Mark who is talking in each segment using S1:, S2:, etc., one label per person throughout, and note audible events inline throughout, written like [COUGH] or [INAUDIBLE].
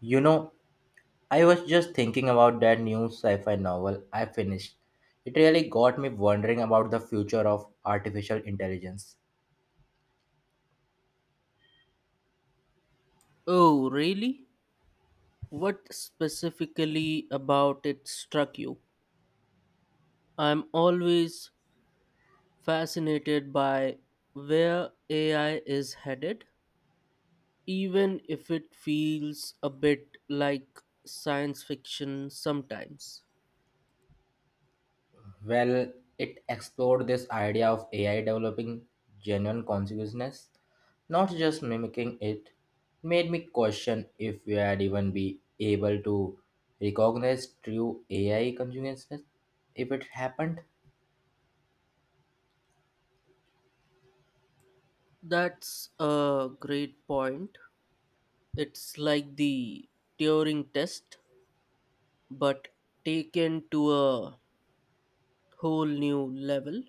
S1: You know, I was just thinking about that new sci fi novel I finished. It really got me wondering about the future of artificial intelligence.
S2: Oh, really? What specifically about it struck you? I'm always fascinated by where AI is headed, even if it feels a bit like science fiction sometimes.
S1: Well, it explored this idea of AI developing genuine consciousness, not just mimicking it. Made me question if we had even be able to recognize true AI consciousness if it happened.
S2: That's a great point. It's like the Turing test, but taken to a whole new level.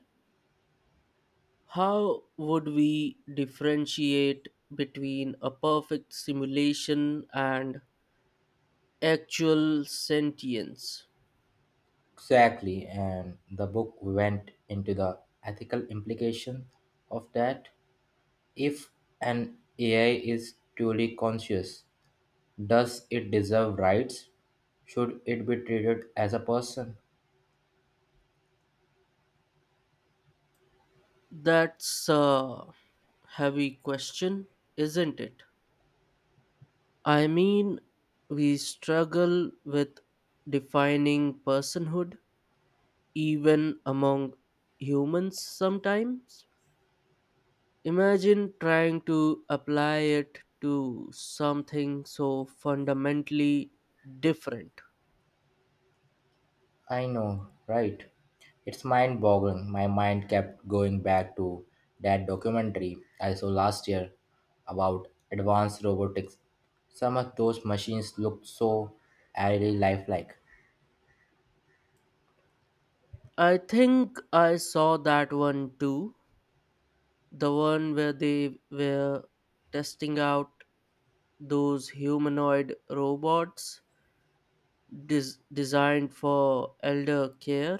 S2: How would we differentiate between a perfect simulation and actual sentience?
S1: Exactly, and the book went into the ethical implication of that. If an AI is truly conscious, does it deserve rights? Should it be treated as a person?
S2: That's a heavy question, isn't it? I mean, we struggle with defining personhood even among humans sometimes. Imagine trying to apply it to something so fundamentally different.
S1: I know, right? It's mind boggling. My mind kept going back to that documentary I saw last year about advanced robotics. Some of those machines looked so eerily lifelike. [LAUGHS]
S2: I think I saw that one too. The one where they were testing out those humanoid robots designed for elder care.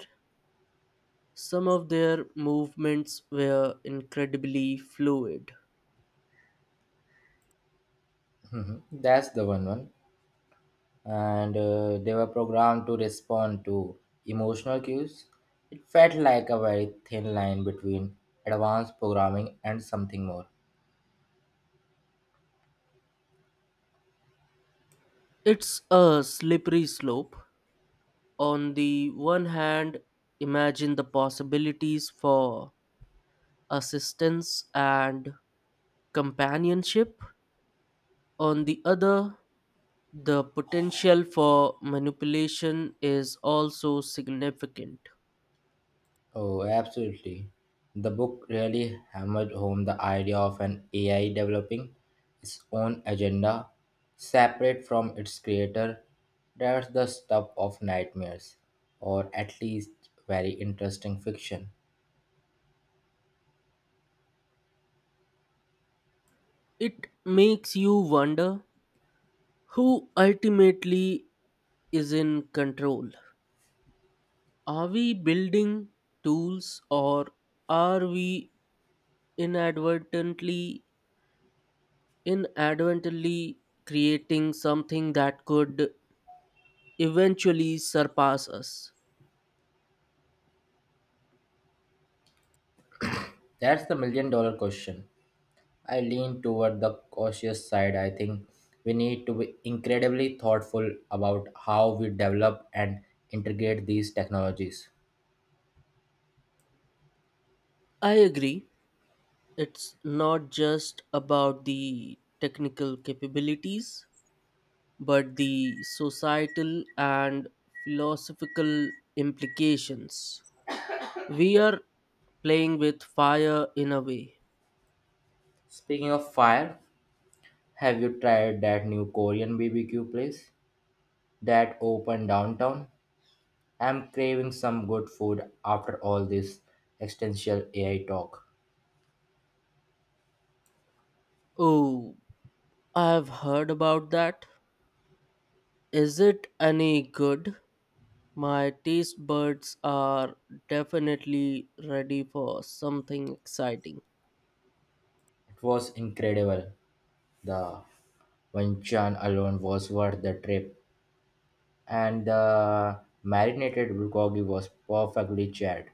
S2: Some of their movements were incredibly fluid.
S1: Mhm. That's the one. And They were programmed to respond to emotional cues. It felt like a very thin line between advanced programming and something more.
S2: It's a slippery slope. On the one hand, imagine the possibilities for assistance and companionship. On the other, the potential for manipulation is also significant.
S1: Oh, absolutely. The book really hammered home the idea of an AI developing its own agenda separate from its creator. That's the stuff of nightmares, or at least very interesting fiction.
S2: It makes you wonder who ultimately is in control. Are we building tools or are we inadvertently inadvertently creating something that could eventually surpass us?
S1: That's the million dollar question. I lean toward the cautious side. I think we need to be incredibly thoughtful about how we develop and integrate these technologies.
S2: I agree. It's not just about the technical capabilities but the societal and philosophical implications. We are playing with fire in a way.
S1: Speaking of fire, have you tried that new Korean BBQ place that opened downtown? I'm craving some good food after all this existential AI talk.
S2: Oh, I've heard about that. Is it any good? My taste buds are definitely ready for something exciting.
S1: It was incredible. The Wenchun alone was worth the trip. And the marinated bulgogi was perfectly charred.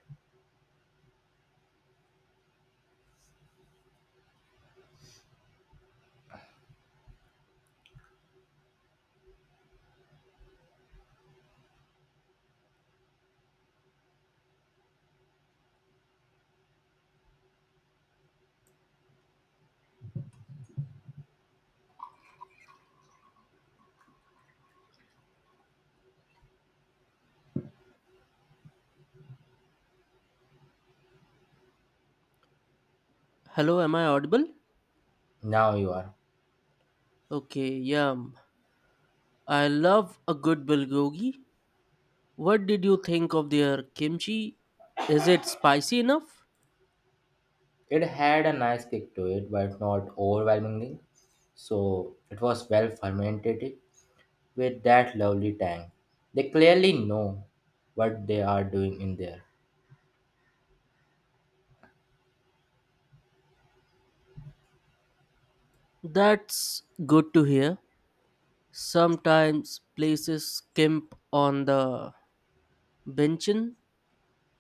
S2: Hello, am I audible?
S1: Now you are.
S2: Okay, yum. I love a good bulgogi. What did you think of their kimchi? Is it spicy enough?
S1: It had a nice kick to it, but not overwhelmingly. So it was well fermented with that lovely tang. They clearly know what they are doing in there.
S2: That's good to hear. Sometimes places skimp on the benchin.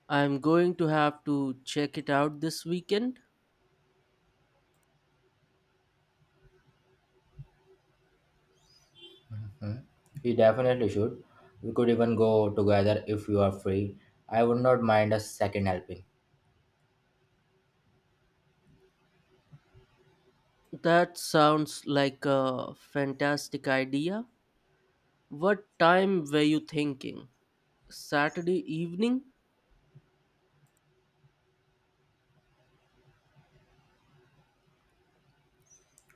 S2: I'm going to have to check it out this weekend.
S1: Hmm? You definitely should. We could even go together if you are free. I would not mind a second helping.
S2: That sounds like a fantastic idea. What time were you thinking? Saturday evening?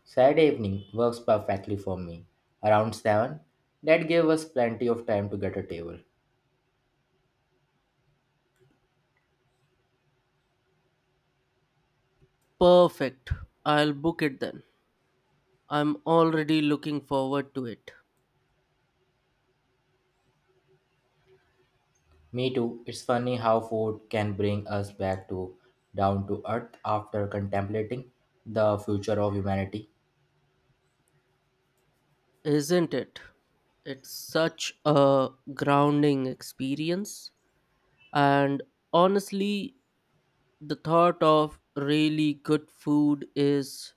S1: Saturday evening works perfectly for me. Around 7, that gave us plenty of time to get a table.
S2: Perfect. I'll book it then. I'm already looking forward to it.
S1: Me too. It's funny how food can bring us back to down to earth after contemplating the future of humanity.
S2: Isn't it? It's such a grounding experience. And honestly, the thought of really good food is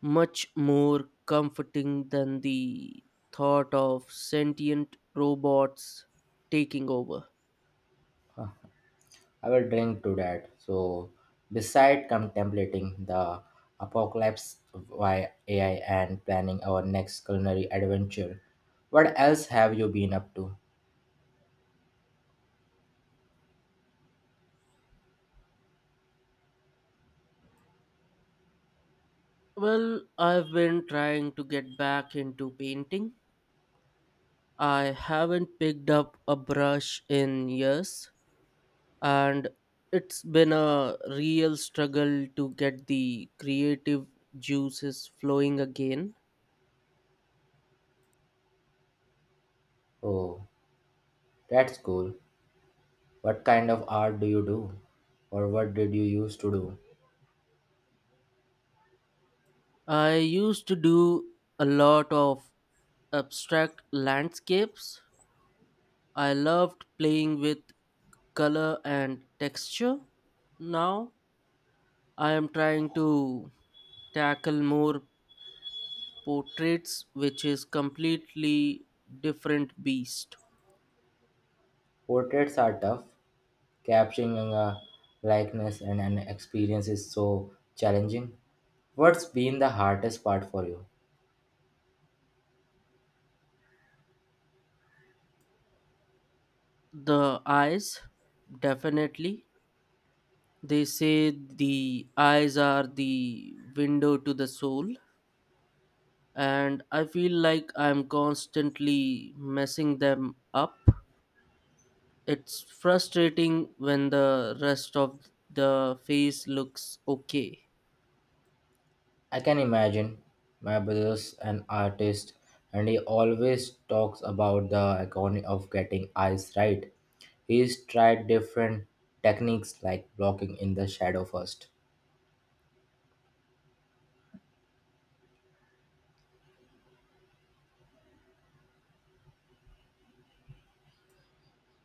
S2: much more comforting than the thought of sentient robots taking over.
S1: Huh, I will drink to that. So, beside contemplating the apocalypse via AI and planning our next culinary adventure, what else have you been up to?
S2: Well, I've been trying to get back into painting. I haven't picked up a brush in years, and it's been a real struggle to get the creative juices flowing again.
S1: Oh, that's cool. What kind of art do you do? Or what did you used to do?
S2: I used to do a lot of abstract landscapes. I loved playing with color and texture. Now I am trying to tackle more portraits, which is completely different beast.
S1: Portraits are tough. Capturing a likeness and an experience is so challenging. What's been the hardest part for you?
S2: The eyes, definitely. They say the eyes are the window to the soul, and I feel like I'm constantly messing them up. It's frustrating when the rest of the face looks okay.
S1: I can imagine my brother's an artist and he always talks about the agony of getting eyes right. He's tried different techniques like blocking in the shadow first.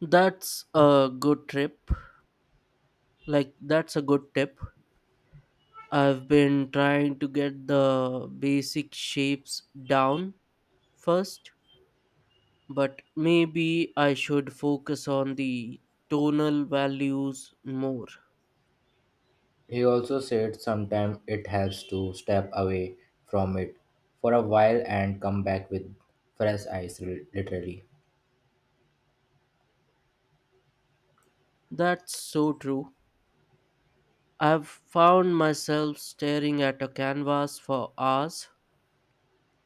S2: That's a good trip. Like, that's a good tip. I've been trying to get the basic shapes down first, but maybe I should focus on the tonal values more.
S1: He also said sometimes it helps to step away from it for a while and come back with fresh eyes, literally.
S2: That's so true. I've found myself staring at a canvas for hours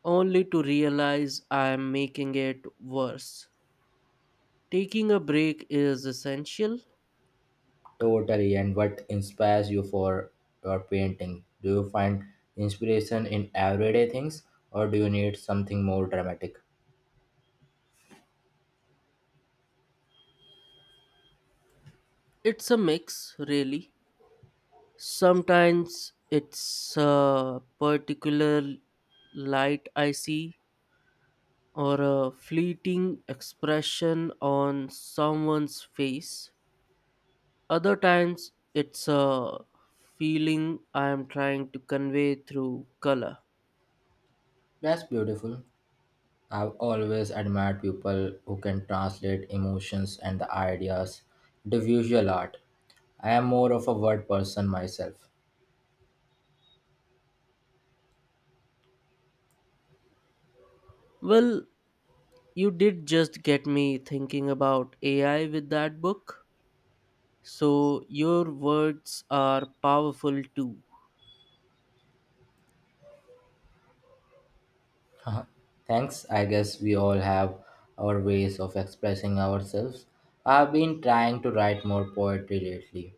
S2: only to realize I am making it worse. Taking a break is essential.
S1: Totally. And what inspires you for your painting? Do you find inspiration in everyday things or do you need something more dramatic?
S2: It's a mix, really. Sometimes it's a particular light I see or a fleeting expression on someone's face. Other times it's a feeling I am trying to convey through color.
S1: That's beautiful. I've always admired people who can translate emotions and the ideas into visual art. I am more of a word person myself.
S2: Well, you did just get me thinking about AI with that book. So your words are powerful too.
S1: [LAUGHS] Thanks. I guess we all have our ways of expressing ourselves. I've been trying to write more poetry lately,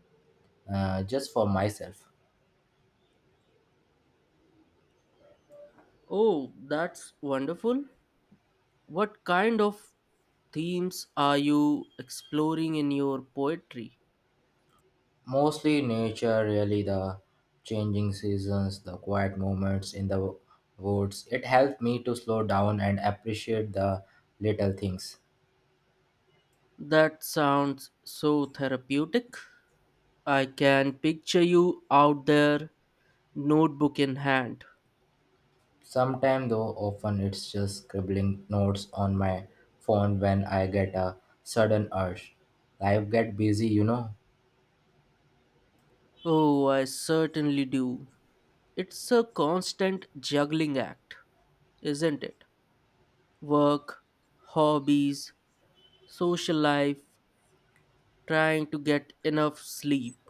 S1: just for myself.
S2: Oh, that's wonderful. What kind of themes are you exploring in your poetry?
S1: Mostly nature, really, the changing seasons, the quiet moments in the woods. It helped me to slow down and appreciate the little things.
S2: That sounds so therapeutic. I can picture you out there, notebook in hand.
S1: Sometimes, though, often it's just scribbling notes on my phone when I get a sudden urge. Life get busy, you know.
S2: Oh, I certainly do. It's a constant juggling act, isn't it? Work, hobbies, social life, trying to get enough sleep.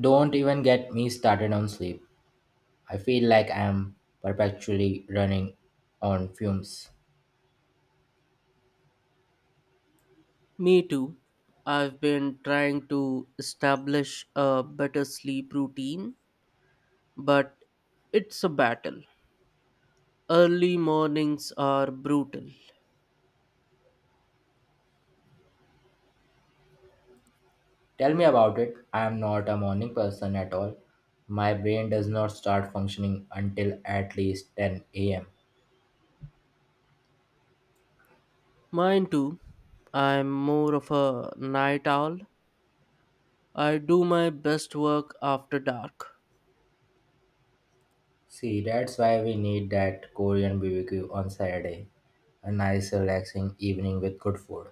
S1: Don't even get me started on sleep. I feel like I'm perpetually running on fumes.
S2: Me too. I've been trying to establish a better sleep routine, but it's a battle. Early mornings are brutal.
S1: Tell me about it. I am not a morning person at all. My brain does not start functioning until at least 10 a.m.
S2: Mine too. I'm more of a night owl. I do my best work after dark.
S1: See, that's why we need that Korean BBQ on Saturday. A nice, relaxing evening with good food.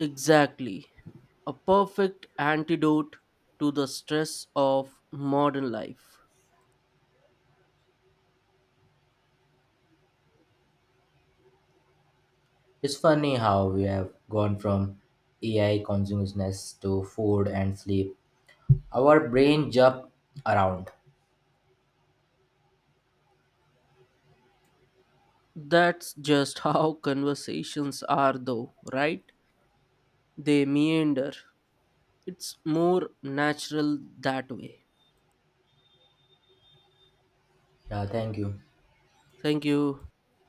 S2: Exactly. A perfect antidote to the stress of modern life.
S1: It's funny how we have gone from AI consciousness to food and sleep. Our brain jump around.
S2: That's just how conversations are, though, right? They meander. It's more natural that way.
S1: Yeah, thank you.
S2: Thank you.